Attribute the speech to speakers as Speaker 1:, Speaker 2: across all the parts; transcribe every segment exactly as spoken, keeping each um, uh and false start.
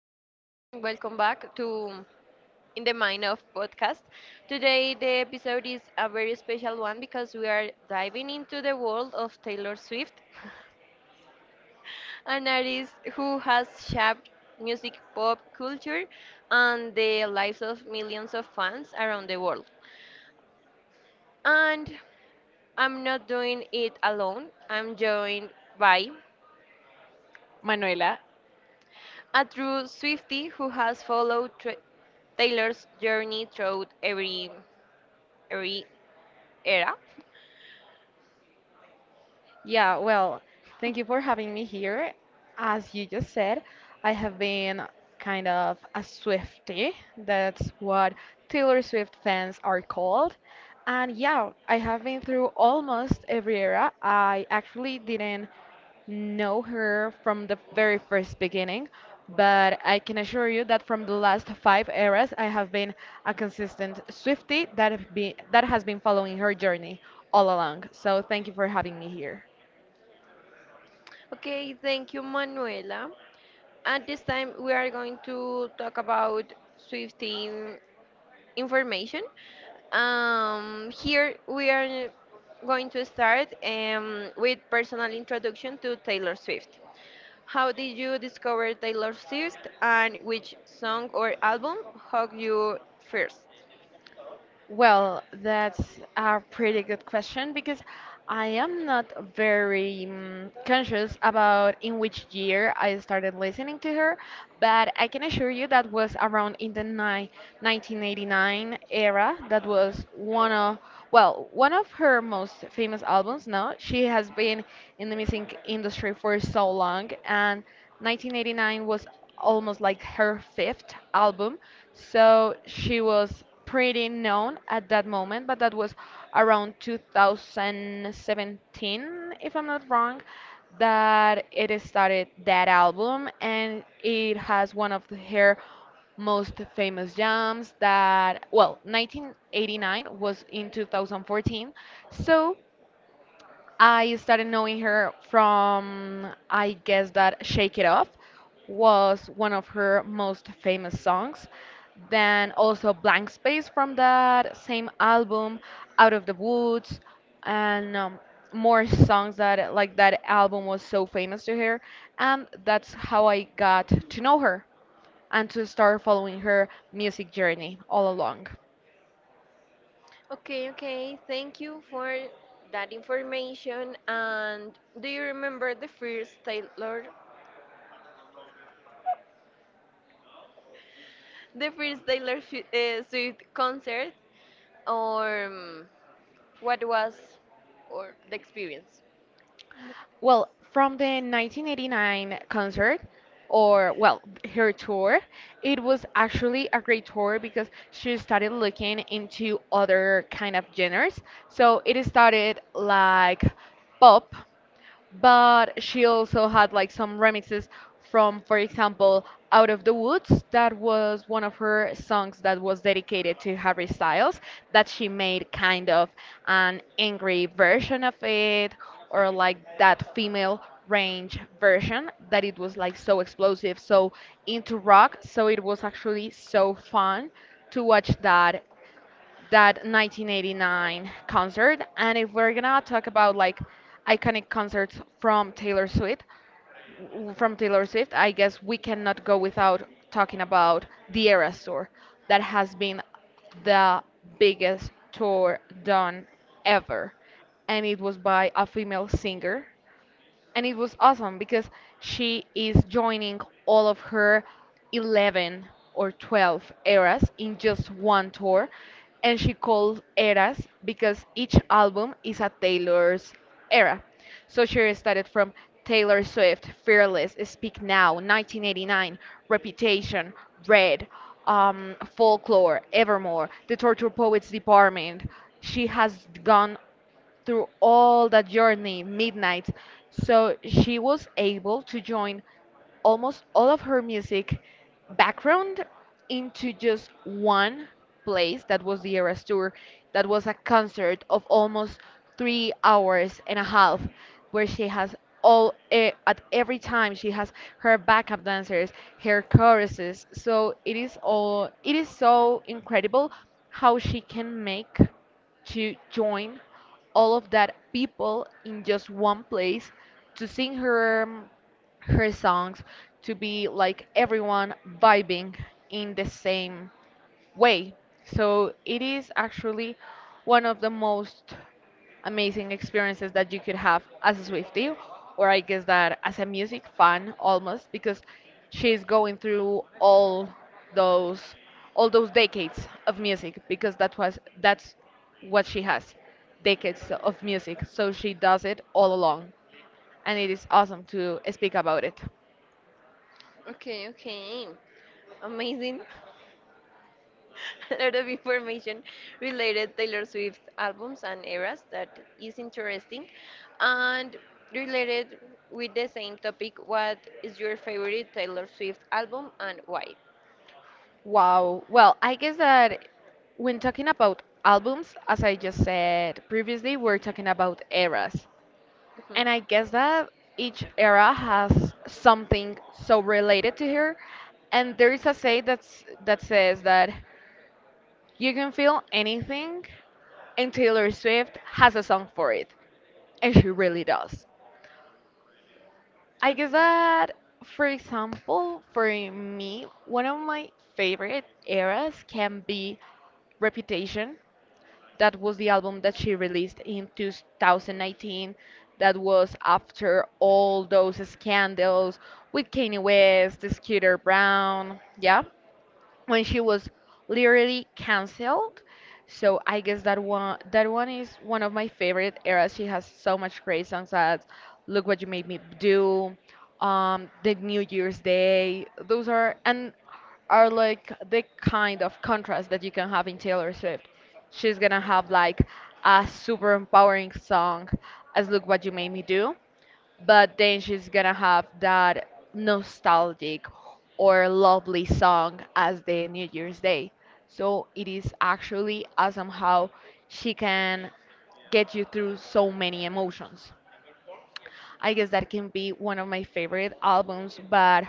Speaker 1: everyone, and welcome back to In the Mind of Podcast. Today, the episode is a very special one because we are diving into the world of Taylor Swift, an artist who has shaped music, pop culture, and the lives of millions of fans around the world. And I'm not doing it alone, I'm joined by
Speaker 2: Manuela.
Speaker 1: a true Swiftie who has followed tra- Taylor's journey throughout every every era.
Speaker 2: Yeah, well, thank you for having me here. As you just said, I have been kind of a Swiftie. That's what Taylor Swift fans are called. And yeah, I have been through almost every era. I actually didn't know her from the very first beginning, but I can assure you that from the last five eras, I have been a consistent Swiftie that have been that has been following her journey all along. So thank you for having me here.
Speaker 1: Okay, thank you, Manuela. At this time, we are going to talk about Swiftie information. Um, here we are going to start um, with personal introduction to Taylor Swift. How did you discover Taylor Swift, and which song or album hooked you first?
Speaker 2: Well, that's a pretty good question because I am not very mm, conscious about in which year I started listening to her, but I can assure you that was around in the ni nineteen eighty-nine era. That was one of, well, one of her most famous albums now. She has been in the music industry for so long, and nineteen eighty-nine was almost like her fifth album, so she was pretty known at that moment, but that was around two thousand seventeen, if I'm not wrong, that it started that album, and it has one of her most famous jams that, well, nineteen eighty-nine was in two thousand fourteen, so I started knowing her from, I guess that Shake It Off was one of her most famous songs. Then also Blank Space from that same album, Out of the Woods, and um, more songs that, like, that album was so famous to her. And that's how I got to know her and to start following her music journey all along.
Speaker 1: Okay, okay. Thank you for that information. And do you remember the first Taylor, the first Taylor Swi- uh, Swift concert, or um, what was, or the experience?
Speaker 2: Well, from the nineteen eighty-nine concert, or well, her tour, it was actually a great tour because she started looking into other kind of genres. So it started like pop, but she also had like some remixes from, for example, Out of the Woods. That was one of her songs that was dedicated to Harry Styles, that she made kind of an angry version of it, or like that female range version, that it was like so explosive, so into rock, so it was actually so fun to watch that that nineteen eighty-nine concert. And if we're gonna talk about, like, iconic concerts from Taylor Swift, w- from Taylor Swift, I guess we cannot go without talking about the Eras Tour. That has been the biggest tour done ever, and it was by a female singer, and it was awesome because she is joining all of her eleven or twelve eras in just one tour, and she calls eras because each album is a Taylor's era. So she started from Taylor Swift, Fearless, Speak Now, nineteen eighty-nine, Reputation, Red, um, Folklore, Evermore, The Torture Poets Department. She has gone through all that journey, midnight. So she was able to join almost all of her music background into just one place that was the Eras Tour. That was a concert of almost three hours and a half, where she has all eh, at every time she has her backup dancers, her choruses. So it is all, it is so incredible how she can make to join all of that people in just one place to sing her um, her songs, to be like everyone vibing in the same way. So it is actually one of the most amazing experiences that you could have as a Swiftie, or I guess that as a music fan almost, because she's going through all those, all those decades of music, because that was, that's what she has, decades of music, so she does it all along, and it is awesome to speak about it.
Speaker 1: Okay, okay. Amazing. A lot of information related Taylor Swift albums and eras that is interesting. And related with the same topic, what is your favorite Taylor Swift album and why?
Speaker 2: Wow. Well, I guess that when talking about albums, as I just said previously, we're talking about eras.
Speaker 1: Mhm.
Speaker 2: And I guess that each era has something so related to her. And there is a say that's that says that you can feel anything and Taylor Swift has a song for it. And she really does. I guess
Speaker 1: Okay,
Speaker 2: that, for example, for me, one of my favorite eras can be Reputation. That was the album that she released in two thousand nineteen. That was after all those scandals with Kanye West, Scooter Brown. Yeah, when she was literally canceled. So I guess that one, that one is one of my favorite eras. She has so much great songs as "Look What You Made Me Do," um, "The New Year's Day." Those are, and are like the kind of contrast that you can have in Taylor Swift. She's gonna have like a super empowering song as "Look What You Made Me Do," but then she's gonna have that nostalgic or lovely song as the New Year's Day. So it is actually awesome how she can get you through so many emotions. I guess that can be one of my favorite albums, but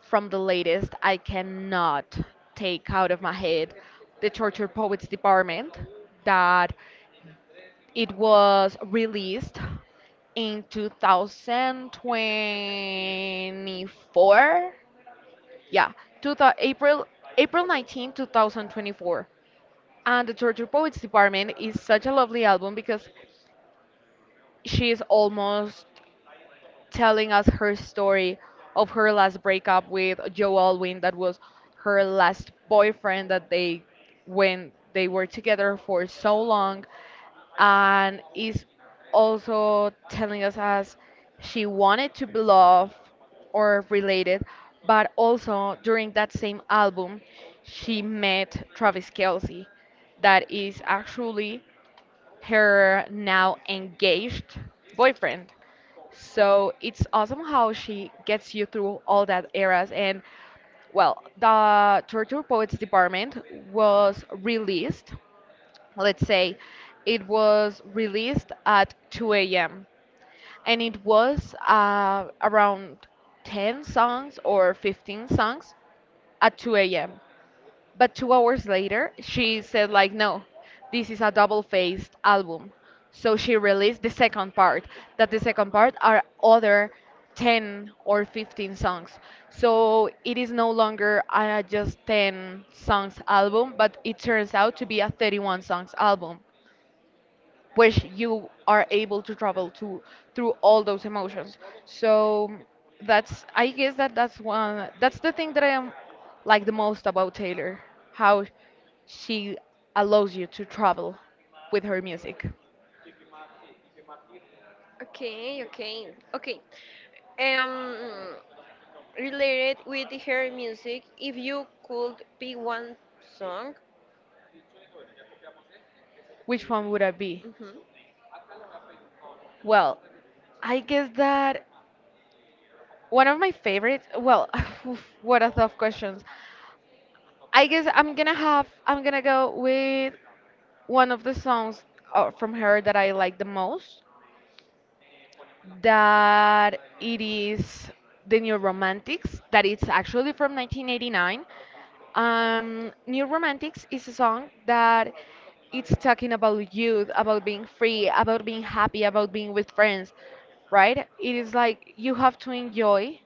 Speaker 2: from the latest, I cannot take out of my head the Tortured Poets Department that it was released in two thousand twenty-four. Yeah, two thou- April April 19, 2024. And the Torture Poets Department is such a lovely album because she is almost telling us her story of her last breakup with Joe Alwyn, that was her last boyfriend, that they, when they were together for so long, and is also telling us as she wanted to be loved or related, but also during that same album, she met Travis Kelsey, that is actually her now engaged boyfriend. So it's awesome how she gets you through all that eras. And well, the Torture Poets Department was released, let's say, it was released at two a m, and it was uh, around ten songs or fifteen songs at two a m. But two hours later, she said, like, no, this is a double faced album. So she released the second part. That The second part are other ten or fifteen songs. So it is no longer a just ten songs album, but it turns out to be a thirty-one songs album. Which you are able to travel to, through all those emotions. So that's, I guess that that's one, that's the thing that I am like the most about Taylor, how she allows you to travel with her music.
Speaker 1: okay, okay, okay. Um, Related with her music, if you could pick one song,
Speaker 2: Which one would I be?
Speaker 1: mhm,
Speaker 2: Well, I guess that one of my favorites. Well, oof, what a tough questions. I guess I'm gonna have. I'm gonna go with one of the songs uh, from her that I like the most, that it is the New Romantics, that it's actually from nineteen eighty-nine. Um, New Romantics is a song that it's talking about youth, about being free, about being happy, about being with friends, right? It is like you have to enjoy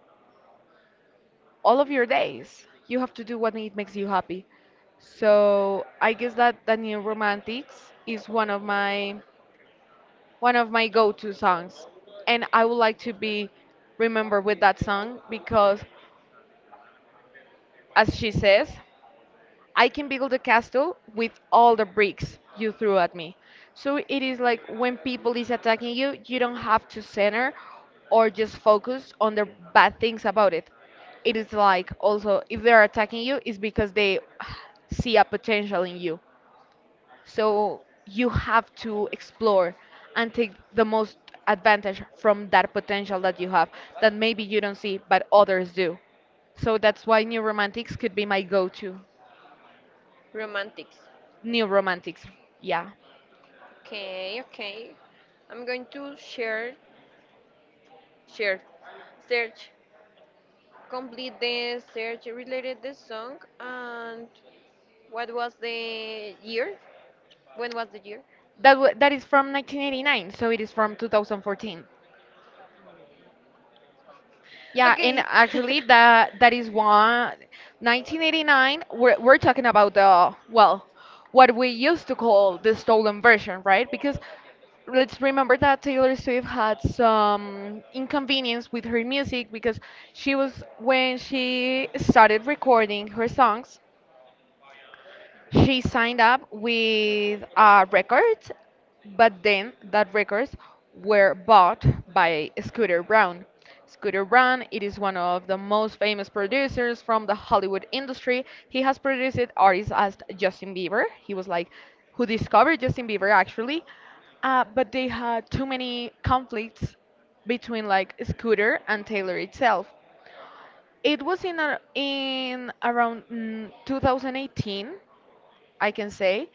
Speaker 2: all of your days. You have to do what ma- makes you happy. So I guess that the New Romantics is one of my, one of my go-to songs, and I would like to be remembered with that song because, as she says, I can build a castle with all the bricks you threw at me. So it is like when people is attacking you, you don't have to center or just focus on the bad things about it. It is like, also, if they're attacking you, it's because they see a potential in you. So you have to explore and take the most advantage from that potential that you have, that maybe you don't see, but others do. So that's why New Romantics could be my go-to.
Speaker 1: romantics.
Speaker 2: New Romantics, yeah.
Speaker 1: Okay, okay. I'm going to share, share, search, complete the search related the song, and what was the year? When was the year?
Speaker 2: That w that is from nineteen eighty-nine, so it is from two thousand fourteen. Yeah, and
Speaker 1: Okay.
Speaker 2: actually that, that is one. nineteen eighty-nine, we're we're talking about the, well, what we used to call the stolen version, right? Because let's remember that Taylor Swift had some inconvenience with her music because she was, when she started recording her songs, she signed up with a record, but then that records were bought by Scooter Braun. Scooter Braun, it is one of the most famous producers from the Hollywood industry. He has produced artists as Justin Bieber. He was like who discovered Justin Bieber actually, uh, but they had too many conflicts between like Scooter and Taylor itself. It was in a, in around mm, two thousand eighteen, I can say,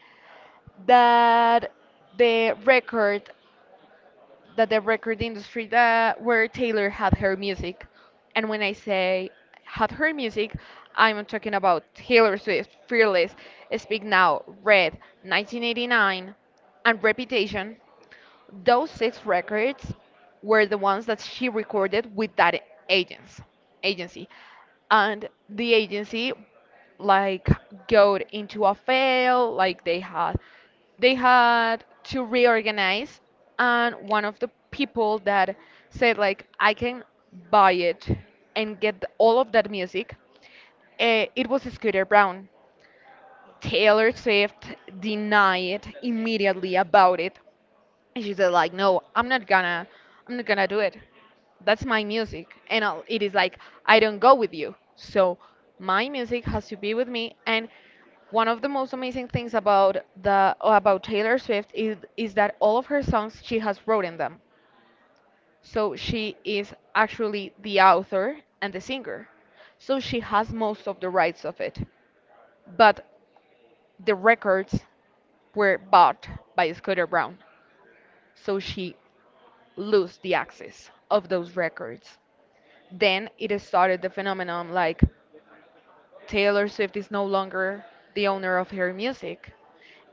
Speaker 2: that the record, that the record industry that where Taylor had her music, and when I say had her music, I'm talking about Taylor Swift, Fearless, Speak Now, Red, nineteen eighty-nine, and Reputation, those six records were the ones that she recorded with that agents, agency. And the agency, like, got into a fail, like they had, they had to reorganize, and one of the people that said like I can buy it and get the- all of that music, uh, it was Scooter Brown. Taylor Swift denied immediately about it, and she said like, no, i'm not gonna i'm not gonna do it. That's my music and I'll, it is like I don't go with you, so my music has to be with me. And one of the most amazing things about the about Taylor Swift is is that all of her songs she has written them, so she is actually the author and the singer, so she has most of the rights of it. But the records were bought by Scooter Brown, so she lose the access of those records. Then it started the phenomenon like Taylor Swift is no longer the owner of her music.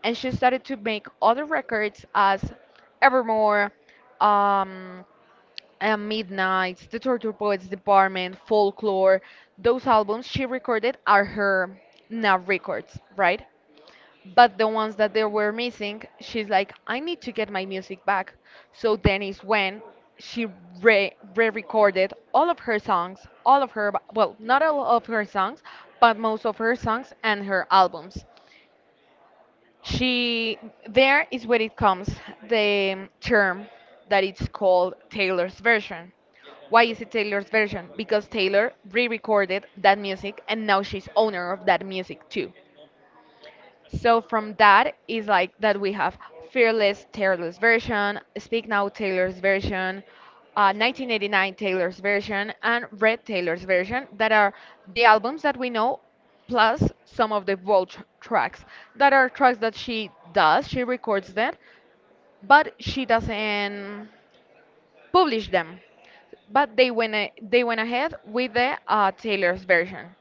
Speaker 2: And she started to make other records as Evermore, um, and Midnight, The Torture Poets Department, Folklore. Those albums she recorded are her now records, right? But the ones that they were missing, she's like, I need to get my music back. So then is when she re re-recorded all of her songs, all of her, well, not all of her songs, but most of her songs and her albums. She, there is where it comes, the um, term that it's called Taylor's version. Why is it Taylor's version? Because Taylor re-recorded that music and now she's owner of that music too. So from that is like that we have Fearless Taylor's version, Speak Now Taylor's version, uh, nineteen eighty-nine Taylor's version, and Red Taylor's version that are the albums that we know, plus some of the Vault tr- tracks that are tracks that she does, she records them, but she doesn't publish them. But they went a- they went ahead with the uh, Taylor's version.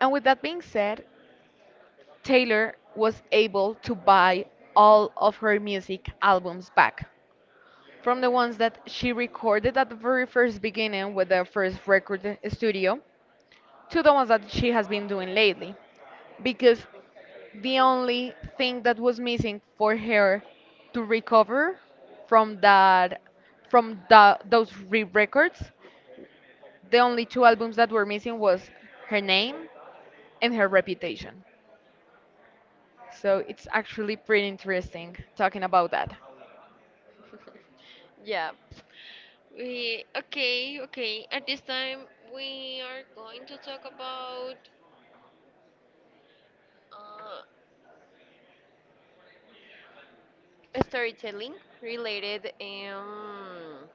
Speaker 2: And with that being said, Taylor was able to buy all of her music albums back, from the ones that she recorded at the very first beginning with the first record studio to the ones that she has been doing lately, because the only thing that was missing for her to recover from that, from the, those re-records, the only two albums that were missing was her name and her reputation. So it's actually pretty interesting talking about that.
Speaker 1: Yeah. We Okay, okay. At this time, we are going to talk about uh, storytelling related. Um,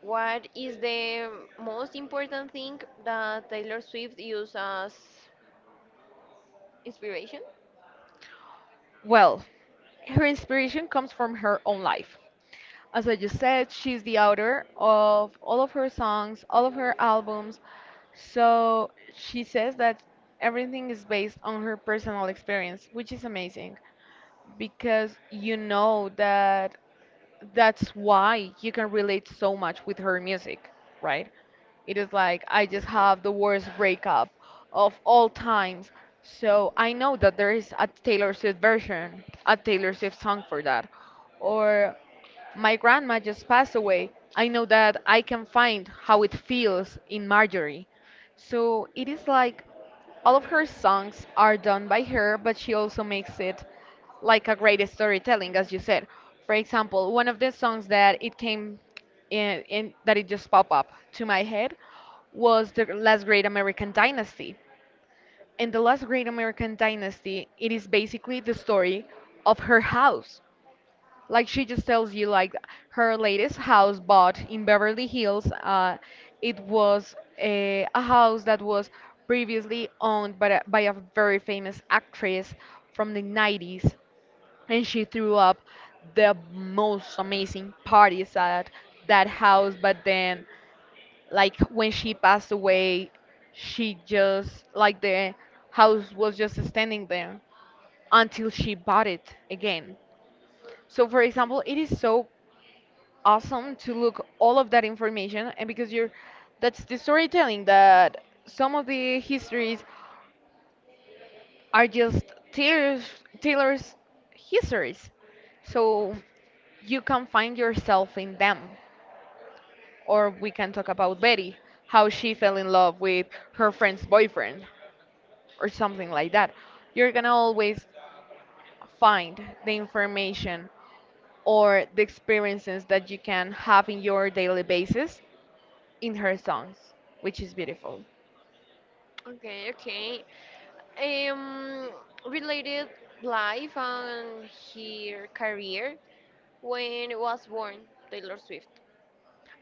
Speaker 1: what is the most important thing that Taylor Swift used as inspiration?
Speaker 2: Well, her inspiration comes from her own life. As I just said, she's the author of all of her songs, all of her albums. So she says that everything is based on her personal experience, which is amazing because you know that that's why you can relate so much with her music, right? It is like, I just
Speaker 1: Mhm.
Speaker 2: have the worst breakup of all times. So I know that there is a Taylor Swift version, a Taylor Swift song for that. Or my grandma just passed away. I know that I can find how it feels in Marjorie. So it is like all of her songs are done by her, but she also makes it like a great storytelling, as you said. For example, one of the songs that it came in, in that it just popped up to my head was the Last Great American Dynasty. In the Last Great American Dynasty, it is basically the story of her house. Like she just tells you, like her latest house bought in Beverly Hills. Uh, it was a, a house that was previously owned by a, by a very famous actress from the nineties. And she threw up the most amazing parties at that house, but then, like, when she passed away, she just like, the house was just standing there until she bought it again. So for example, it is so awesome to look all of that information. And because you're, that's the storytelling, that some of the histories are just Taylor's, Taylor's histories. So you can find yourself in them. Or we can talk about Betty, how she fell in love with her friend's boyfriend, or something like that. You're gonna always find the information or the experiences that you can have in your daily basis in her songs, which is beautiful.
Speaker 1: Okay, okay. Um, related life and her career, when was born Taylor Swift.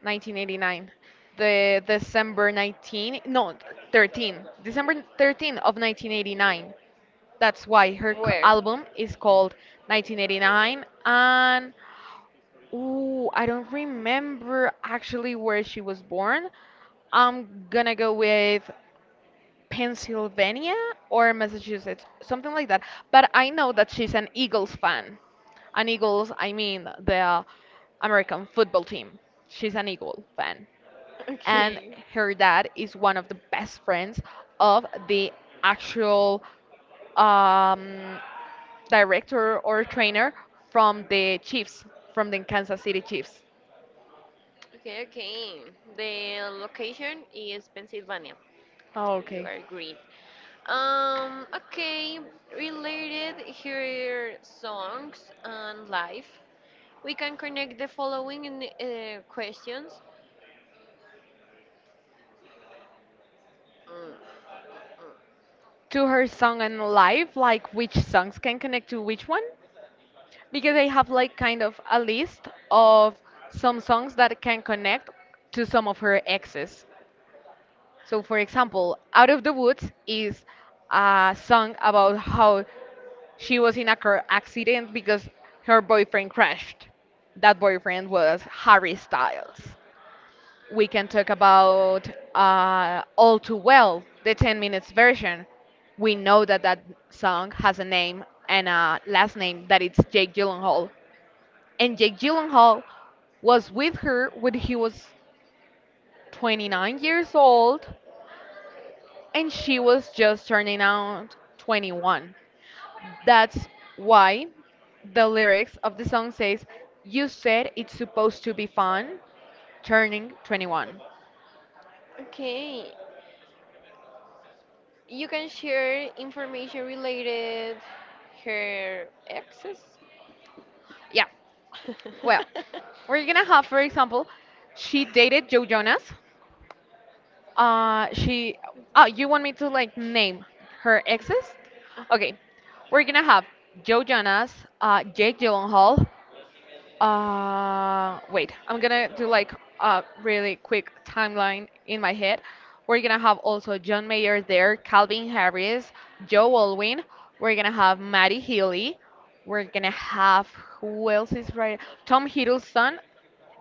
Speaker 2: nineteen eighty-nine, the december nineteen, no, thirteen, december thirteen of nineteen eighty-nine. That's why her c-
Speaker 1: Where?
Speaker 2: album is called nineteen eighty-nine. And ooh, I don't remember actually where she was born. I'm gonna go with Pennsylvania or Massachusetts, something like that. But I know that she's an Eagles fan. An Eagles, I mean the american football team, she's an Eagle fan. And
Speaker 1: Okay.
Speaker 2: her dad is one of the best friends of the actual um, director or trainer from the Chiefs, from the Kansas City Chiefs.
Speaker 1: Okay, okay. The location is Pennsylvania.
Speaker 2: Oh,
Speaker 1: You
Speaker 2: okay.
Speaker 1: are great. Um, okay, related here songs and life. We can connect the following uh, questions. Mm, mm, mm, mm.
Speaker 2: To her song and life, like which songs can connect to which one? Because I have like kind of a list of some songs that can connect to some of her exes. So, for example, Out of the Woods is a song about how she was in a car accident because her boyfriend crashed. That boyfriend was Harry Styles. We can talk about uh, All Too Well, the ten minutes version. We know that that song has a name and a last name that it's Jake Gyllenhaal. And Jake Gyllenhaal was with her when he was twenty-nine years old and she was just turning out twenty-one. That's why the lyrics of the song says, "You said it's supposed to be fun, turning twenty-one."
Speaker 1: Okay. You can share information related her exes.
Speaker 2: Yeah. Well, we're gonna have, for example, she dated Joe Jonas. Uh, she. Oh, you want me to like name her exes? Okay, we're gonna have Joe Jonas, uh, Jake Gyllenhaal, Uh, wait, I'm gonna do like a really quick timeline in my head. We're gonna have also John Mayer there, Calvin Harris, Joe Alwyn. We're gonna have Maddie Healy. We're gonna have, who else is right? Tom Hiddleston.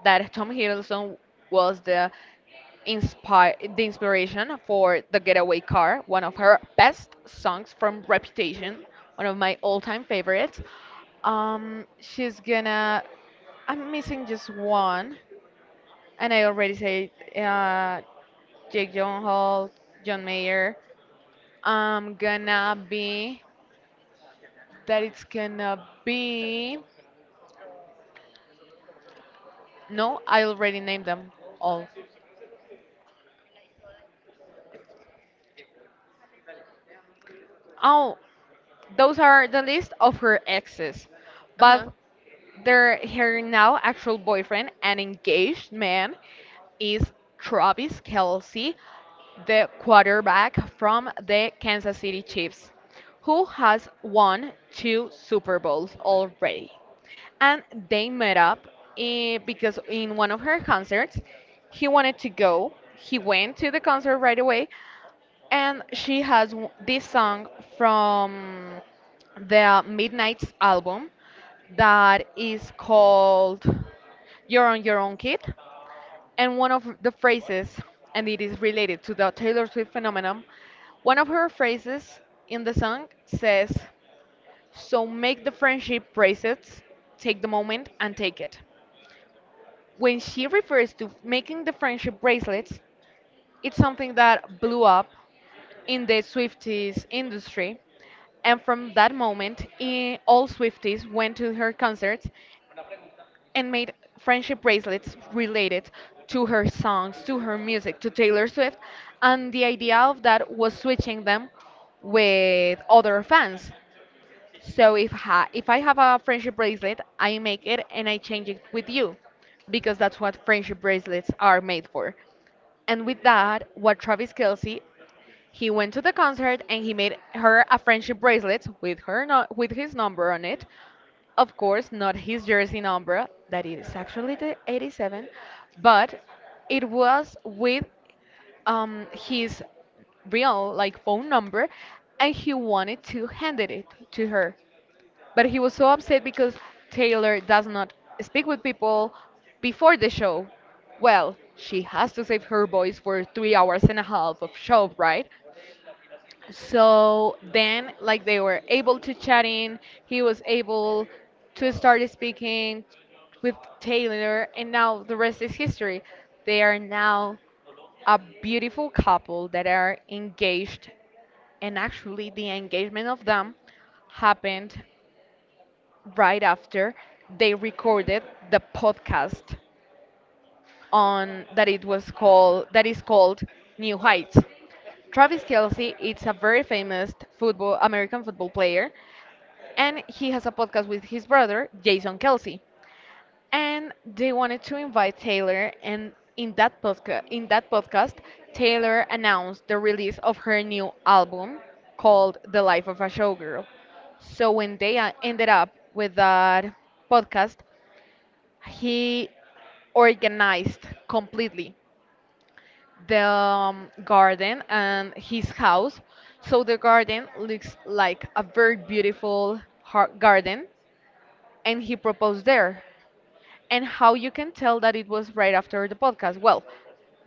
Speaker 2: That Tom Hiddleston was the inspire the inspiration for the Getaway Car, one of her best songs from Reputation, one of my all-time favorites. Um, she's gonna, I'm missing just one, and I already said uh, Jake Gyllenhaal, John Mayer. I'm gonna be that it's gonna be. No, I already named them all. Oh, those are the list of her exes, but
Speaker 1: Uh-huh.
Speaker 2: their, her now actual boyfriend and engaged man is Travis Kelsey, the quarterback from the Kansas City Chiefs, who has won two Super Bowls already. And they met up, eh, because in one of her concerts, he wanted to go. He went to the concert right away, and she has w- this song from the Midnight's album that is called You're on Your Own Kid. And one of the phrases, and it is related to the Taylor Swift phenomenon, one of her phrases in the song says, so make the friendship bracelets, take the moment and take it. When she refers to making the friendship bracelets, it's something that blew up in the Swifties industry. And from that moment, i- all Swifties went to her concerts and made friendship bracelets related to her songs, to her music, to Taylor Swift. And the idea of that was switching them with other fans. So if ha if I have a friendship bracelet, I make it and I change it with you, because that's what friendship bracelets are made for. And with that, what Travis Kelsey, he went to the concert and he made her a friendship bracelet with her no- with his number on it. Of course, not his jersey number, that is actually the eighty-seven, but it was with um, his real like phone number, and he wanted to hand it to her. But he was so upset because Taylor does not speak with people before the show. Well, she has to save her voice for three hours and a half of show, right? So then, like they were able to chat in, he was able to start speaking with Taylor, and now the rest is history. They are now a beautiful couple that are engaged, and actually, the engagement of them happened right after they recorded the podcast on that it was called that is called New Heights. Travis Kelsey is a very famous football American football player, and he has a podcast with his brother Jason Kelsey. And they wanted to invite Taylor, and in that podcast, in that podcast, Taylor announced the release of her new album called "The Life of a Showgirl." So when they uh, ended up with that podcast, he organized completely the um, garden and his house. So the garden looks like a very beautiful har- garden, and he proposed there. And how you can tell that it was right after the podcast? Well,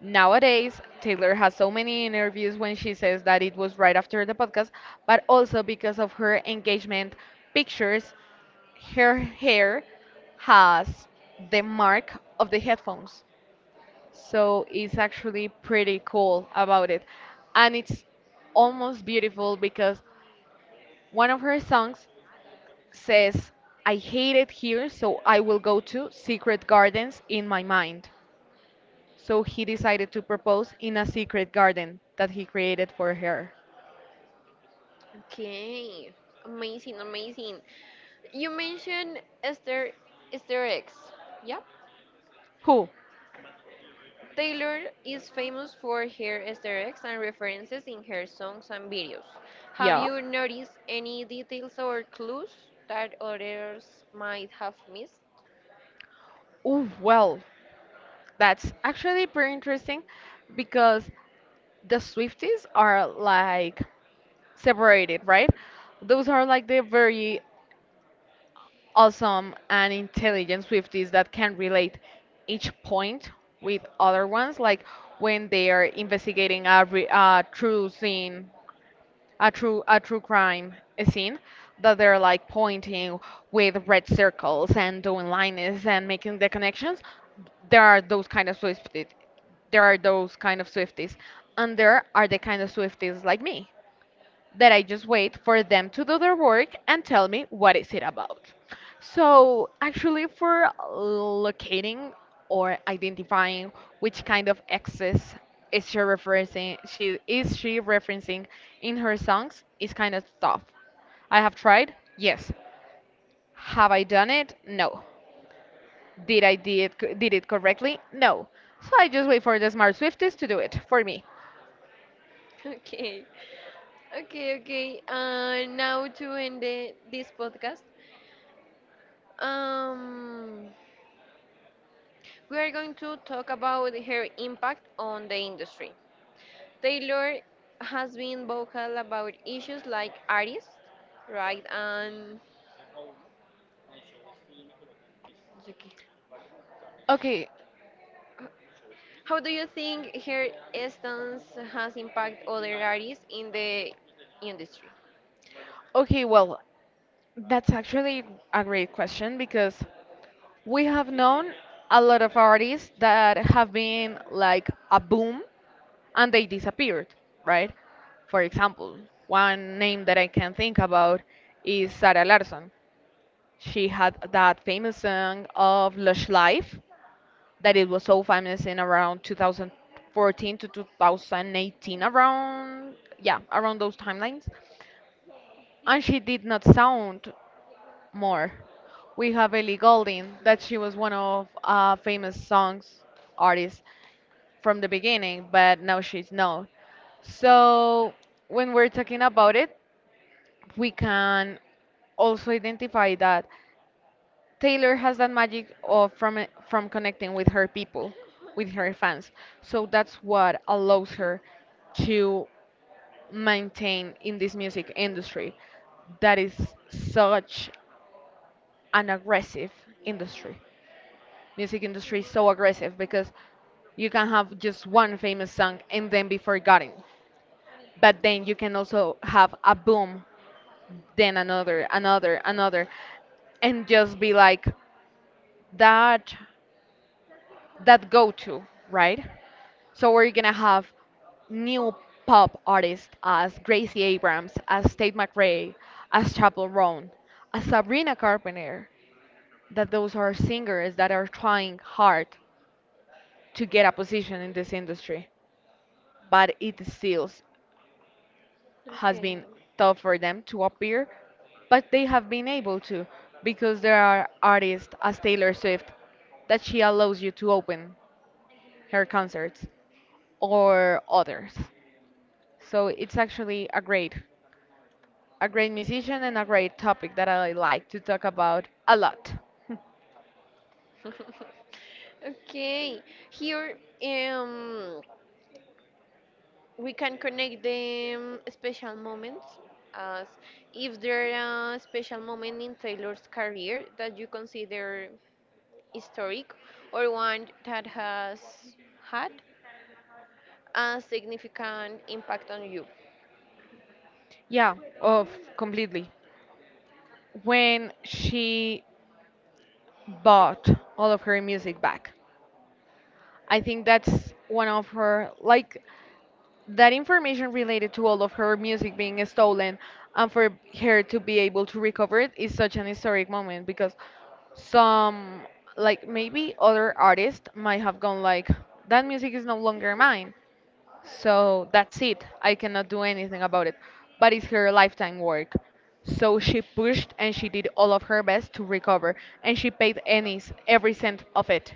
Speaker 2: nowadays Taylor has so many interviews when she says that it was right after the podcast, but also because of her engagement pictures, her hair has the mark of the headphones. So it's actually pretty cool about it. And it's almost beautiful because one of her songs says, I hate it here, so I will go to secret gardens in my mind. So he decided to propose in a secret garden that he created for her.
Speaker 1: Okay. Amazing, amazing. You mentioned Esther Esther X. Yep.
Speaker 2: Who?
Speaker 1: Taylor is famous for her Esther X and references in her songs and videos. Have
Speaker 2: Yeah.
Speaker 1: you noticed any details or clues that others might have missed?
Speaker 2: Ooh, well, that's actually pretty interesting because the Swifties are like separated, right? Those are like the very awesome and intelligent Swifties that can relate each point with other ones, like when they are investigating a, re- a true scene, a true a true crime scene, that they're like pointing with red circles and doing lines and making the connections. There are those kind of Swifties. There are those kind of Swifties, and there are the kind of Swifties like me that I just wait for them to do their work and tell me what is it about. So actually for locating or identifying which kind of exes is she referencing she is she referencing in her songs is kind of tough. I have tried? Yes. Have I done it? No. Did I did it, did it correctly? No. So I just wait for the smart Swifties to do it for me.
Speaker 1: Okay. Okay, okay. Uh, now to end the, this podcast, um, we are going to talk about her impact on the industry. Taylor has been vocal about issues like artists, right? And okay,
Speaker 2: Okay.
Speaker 1: how do you think her stance has impacted other artists in the industry?
Speaker 2: Okay, well, that's actually a great question because we have known a lot of artists that have been like a boom and they disappeared, right? For example, one name that I can think about is Sarah Larson. She had that famous song of Lush Life that it was so famous in around two thousand fourteen to two thousand eighteen around, yeah, around those timelines. And she did not sound more. We have Ellie Goulding, that she was one of uh, famous songs artists from the beginning, but now she's known. So when we're talking about it, we can also identify that Taylor has that magic of from it- from connecting with her people, with her fans. So that's what allows her to maintain in this music industry that is such an aggressive industry. Music industry is so aggressive because you can have just one famous song and then be forgotten, but then you can also have a boom, then another another another, and just be like that, that go to right? So we're gonna have new pop artists as Gracie Abrams, as Tate McRae, as Chapel Roan, as Sabrina Carpenter. That those are singers that are trying hard to get a position in this industry, but it still has
Speaker 1: Okay.
Speaker 2: been tough for them to appear. But they have been able to because there are artists as Taylor Swift that she allows you to open her concerts or others. So it's actually a great, a great musician and a great topic that I like to talk about a lot.
Speaker 1: Okay. Here, um, we can connect the special moments as, if there are a special moment in Taylor's career that you consider historic or one that has had a significant impact on you.
Speaker 2: Yeah, of completely. When she bought all of her music back, I think that's one of her, like, that information related to all of her music being stolen and for her to be able to recover it is such an historic moment because some, like, maybe other artists might have gone like, that music is no longer mine, so that's it, I cannot do anything about it, but it's her lifetime work. So she pushed and she did all of her best to recover, and she paid any every cent of it,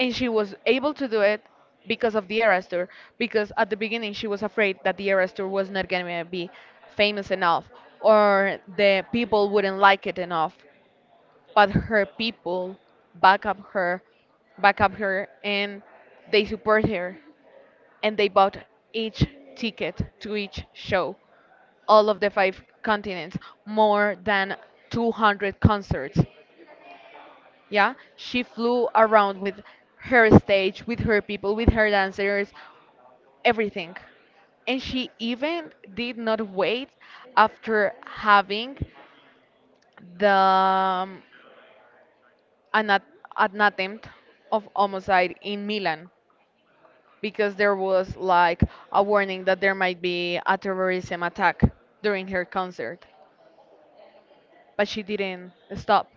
Speaker 2: and she was able to do it because of the arrestor. Because at the beginning she was afraid that the arrestor was not going to be famous enough or the people wouldn't like it enough, but her people back up her back up her, and they support her, and they bought each ticket to each show, all of the five continents, more than two hundred concerts. Yeah, she flew around with her stage, with her people, with her dancers, everything. And she even did not wait after having the um, an, at- an attempt of homicide in Milan because there was like a warning that there might be a terrorism attack during her concert, but she didn't stop.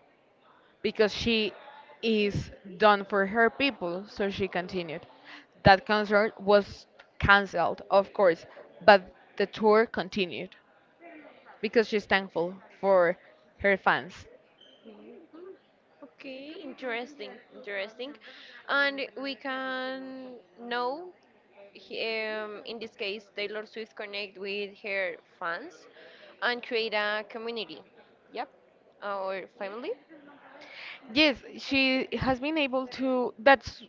Speaker 2: Because she is done for her people, so she continued. That concert was cancelled, of course, but the tour continued because she's thankful for her fans.
Speaker 1: Mhm. Okay, interesting, interesting. And we can know, he- um, in this case, Taylor Swift connect with her fans and create a community. Yep, or family.
Speaker 2: Yes, she has been able to. That's,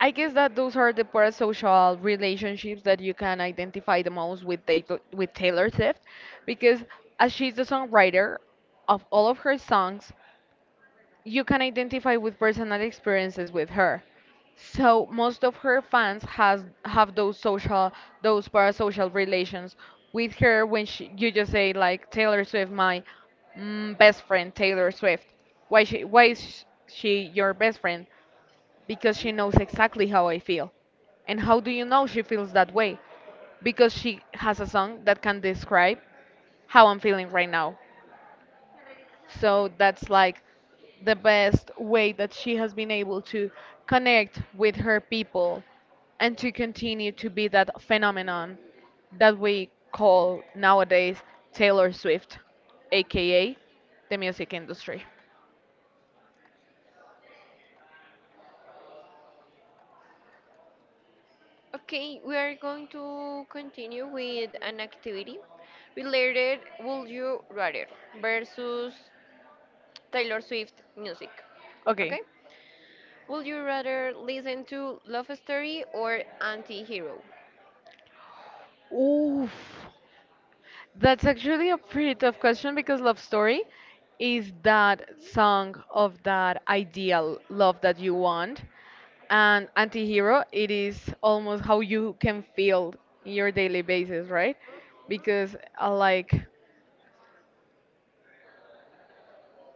Speaker 2: I guess that those are the parasocial relationships that you can identify the most with Taylor, with Taylor Swift, because as she's the songwriter of all of her songs, you can identify with personal experiences with her. So most of her fans has have those social, those parasocial relations with her. When she, you just say like Taylor Swift, my mm, best friend Taylor Swift. Why she, why is sh- she your best friend? Because she knows exactly how I feel. And how do you know she feels that way? Because she has a song that can describe how I'm feeling right now. So that's like the best way that she has been able to connect with her people and to continue to be that phenomenon that we call nowadays Taylor Swift, aka the music industry.
Speaker 1: Okay, we are going to continue with an activity related Would You Rather versus Taylor Swift music. Okay?
Speaker 2: Okay.
Speaker 1: Would you rather listen to Love Story or Anti-Hero?
Speaker 2: Oof. That's actually a pretty tough question because Love Story is that song of that ideal love that you want. And Antihero, it is almost how you can feel in your daily basis, right? Because uh, like,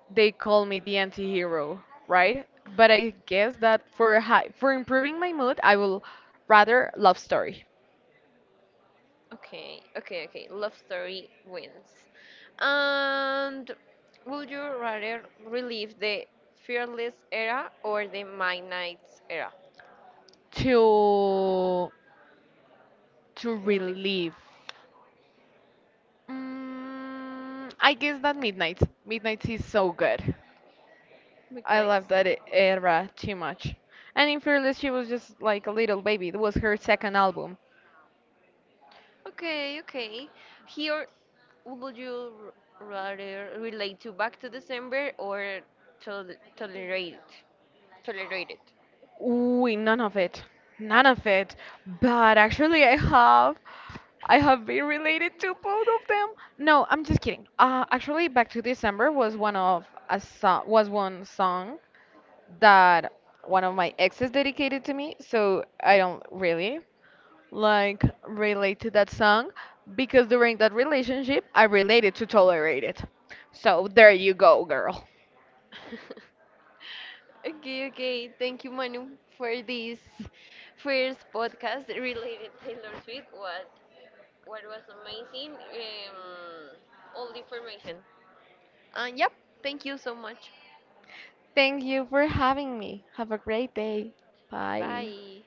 Speaker 2: they call me the antihero, right? But I guess that for high, for improving my mood, I will rather Love Story.
Speaker 1: Okay, okay, okay. Love Story wins. And would you rather relive the Fearless era or the Midnight's era?
Speaker 2: to to
Speaker 1: Relive.
Speaker 2: relieve. Mm, I guess that Midnight. Midnight is so good. I
Speaker 1: Midnight's.
Speaker 2: love that e- era too much. And in Fearless, she was just like a little baby. It was her second album.
Speaker 1: Okay, okay. Here, would you r- rather relate to Back to December or tol- tolerate tolerate it?
Speaker 2: Ooh, none of it. None of it. But actually, I have. I have been related to both of them. No, I'm just kidding. Uh, actually, Back to December was one of a so- was one song that one of my exes dedicated to me. So I don't really like relate to that song because during that relationship I related to tolerate it. So there you go, girl.
Speaker 1: Okay, okay. Thank you, Manu, for this first podcast related Taylor Swift. What what was amazing? Um, all the information. Uh, yep. Thank you so much.
Speaker 2: Thank you for having me. Have a great day. Bye.
Speaker 1: Bye.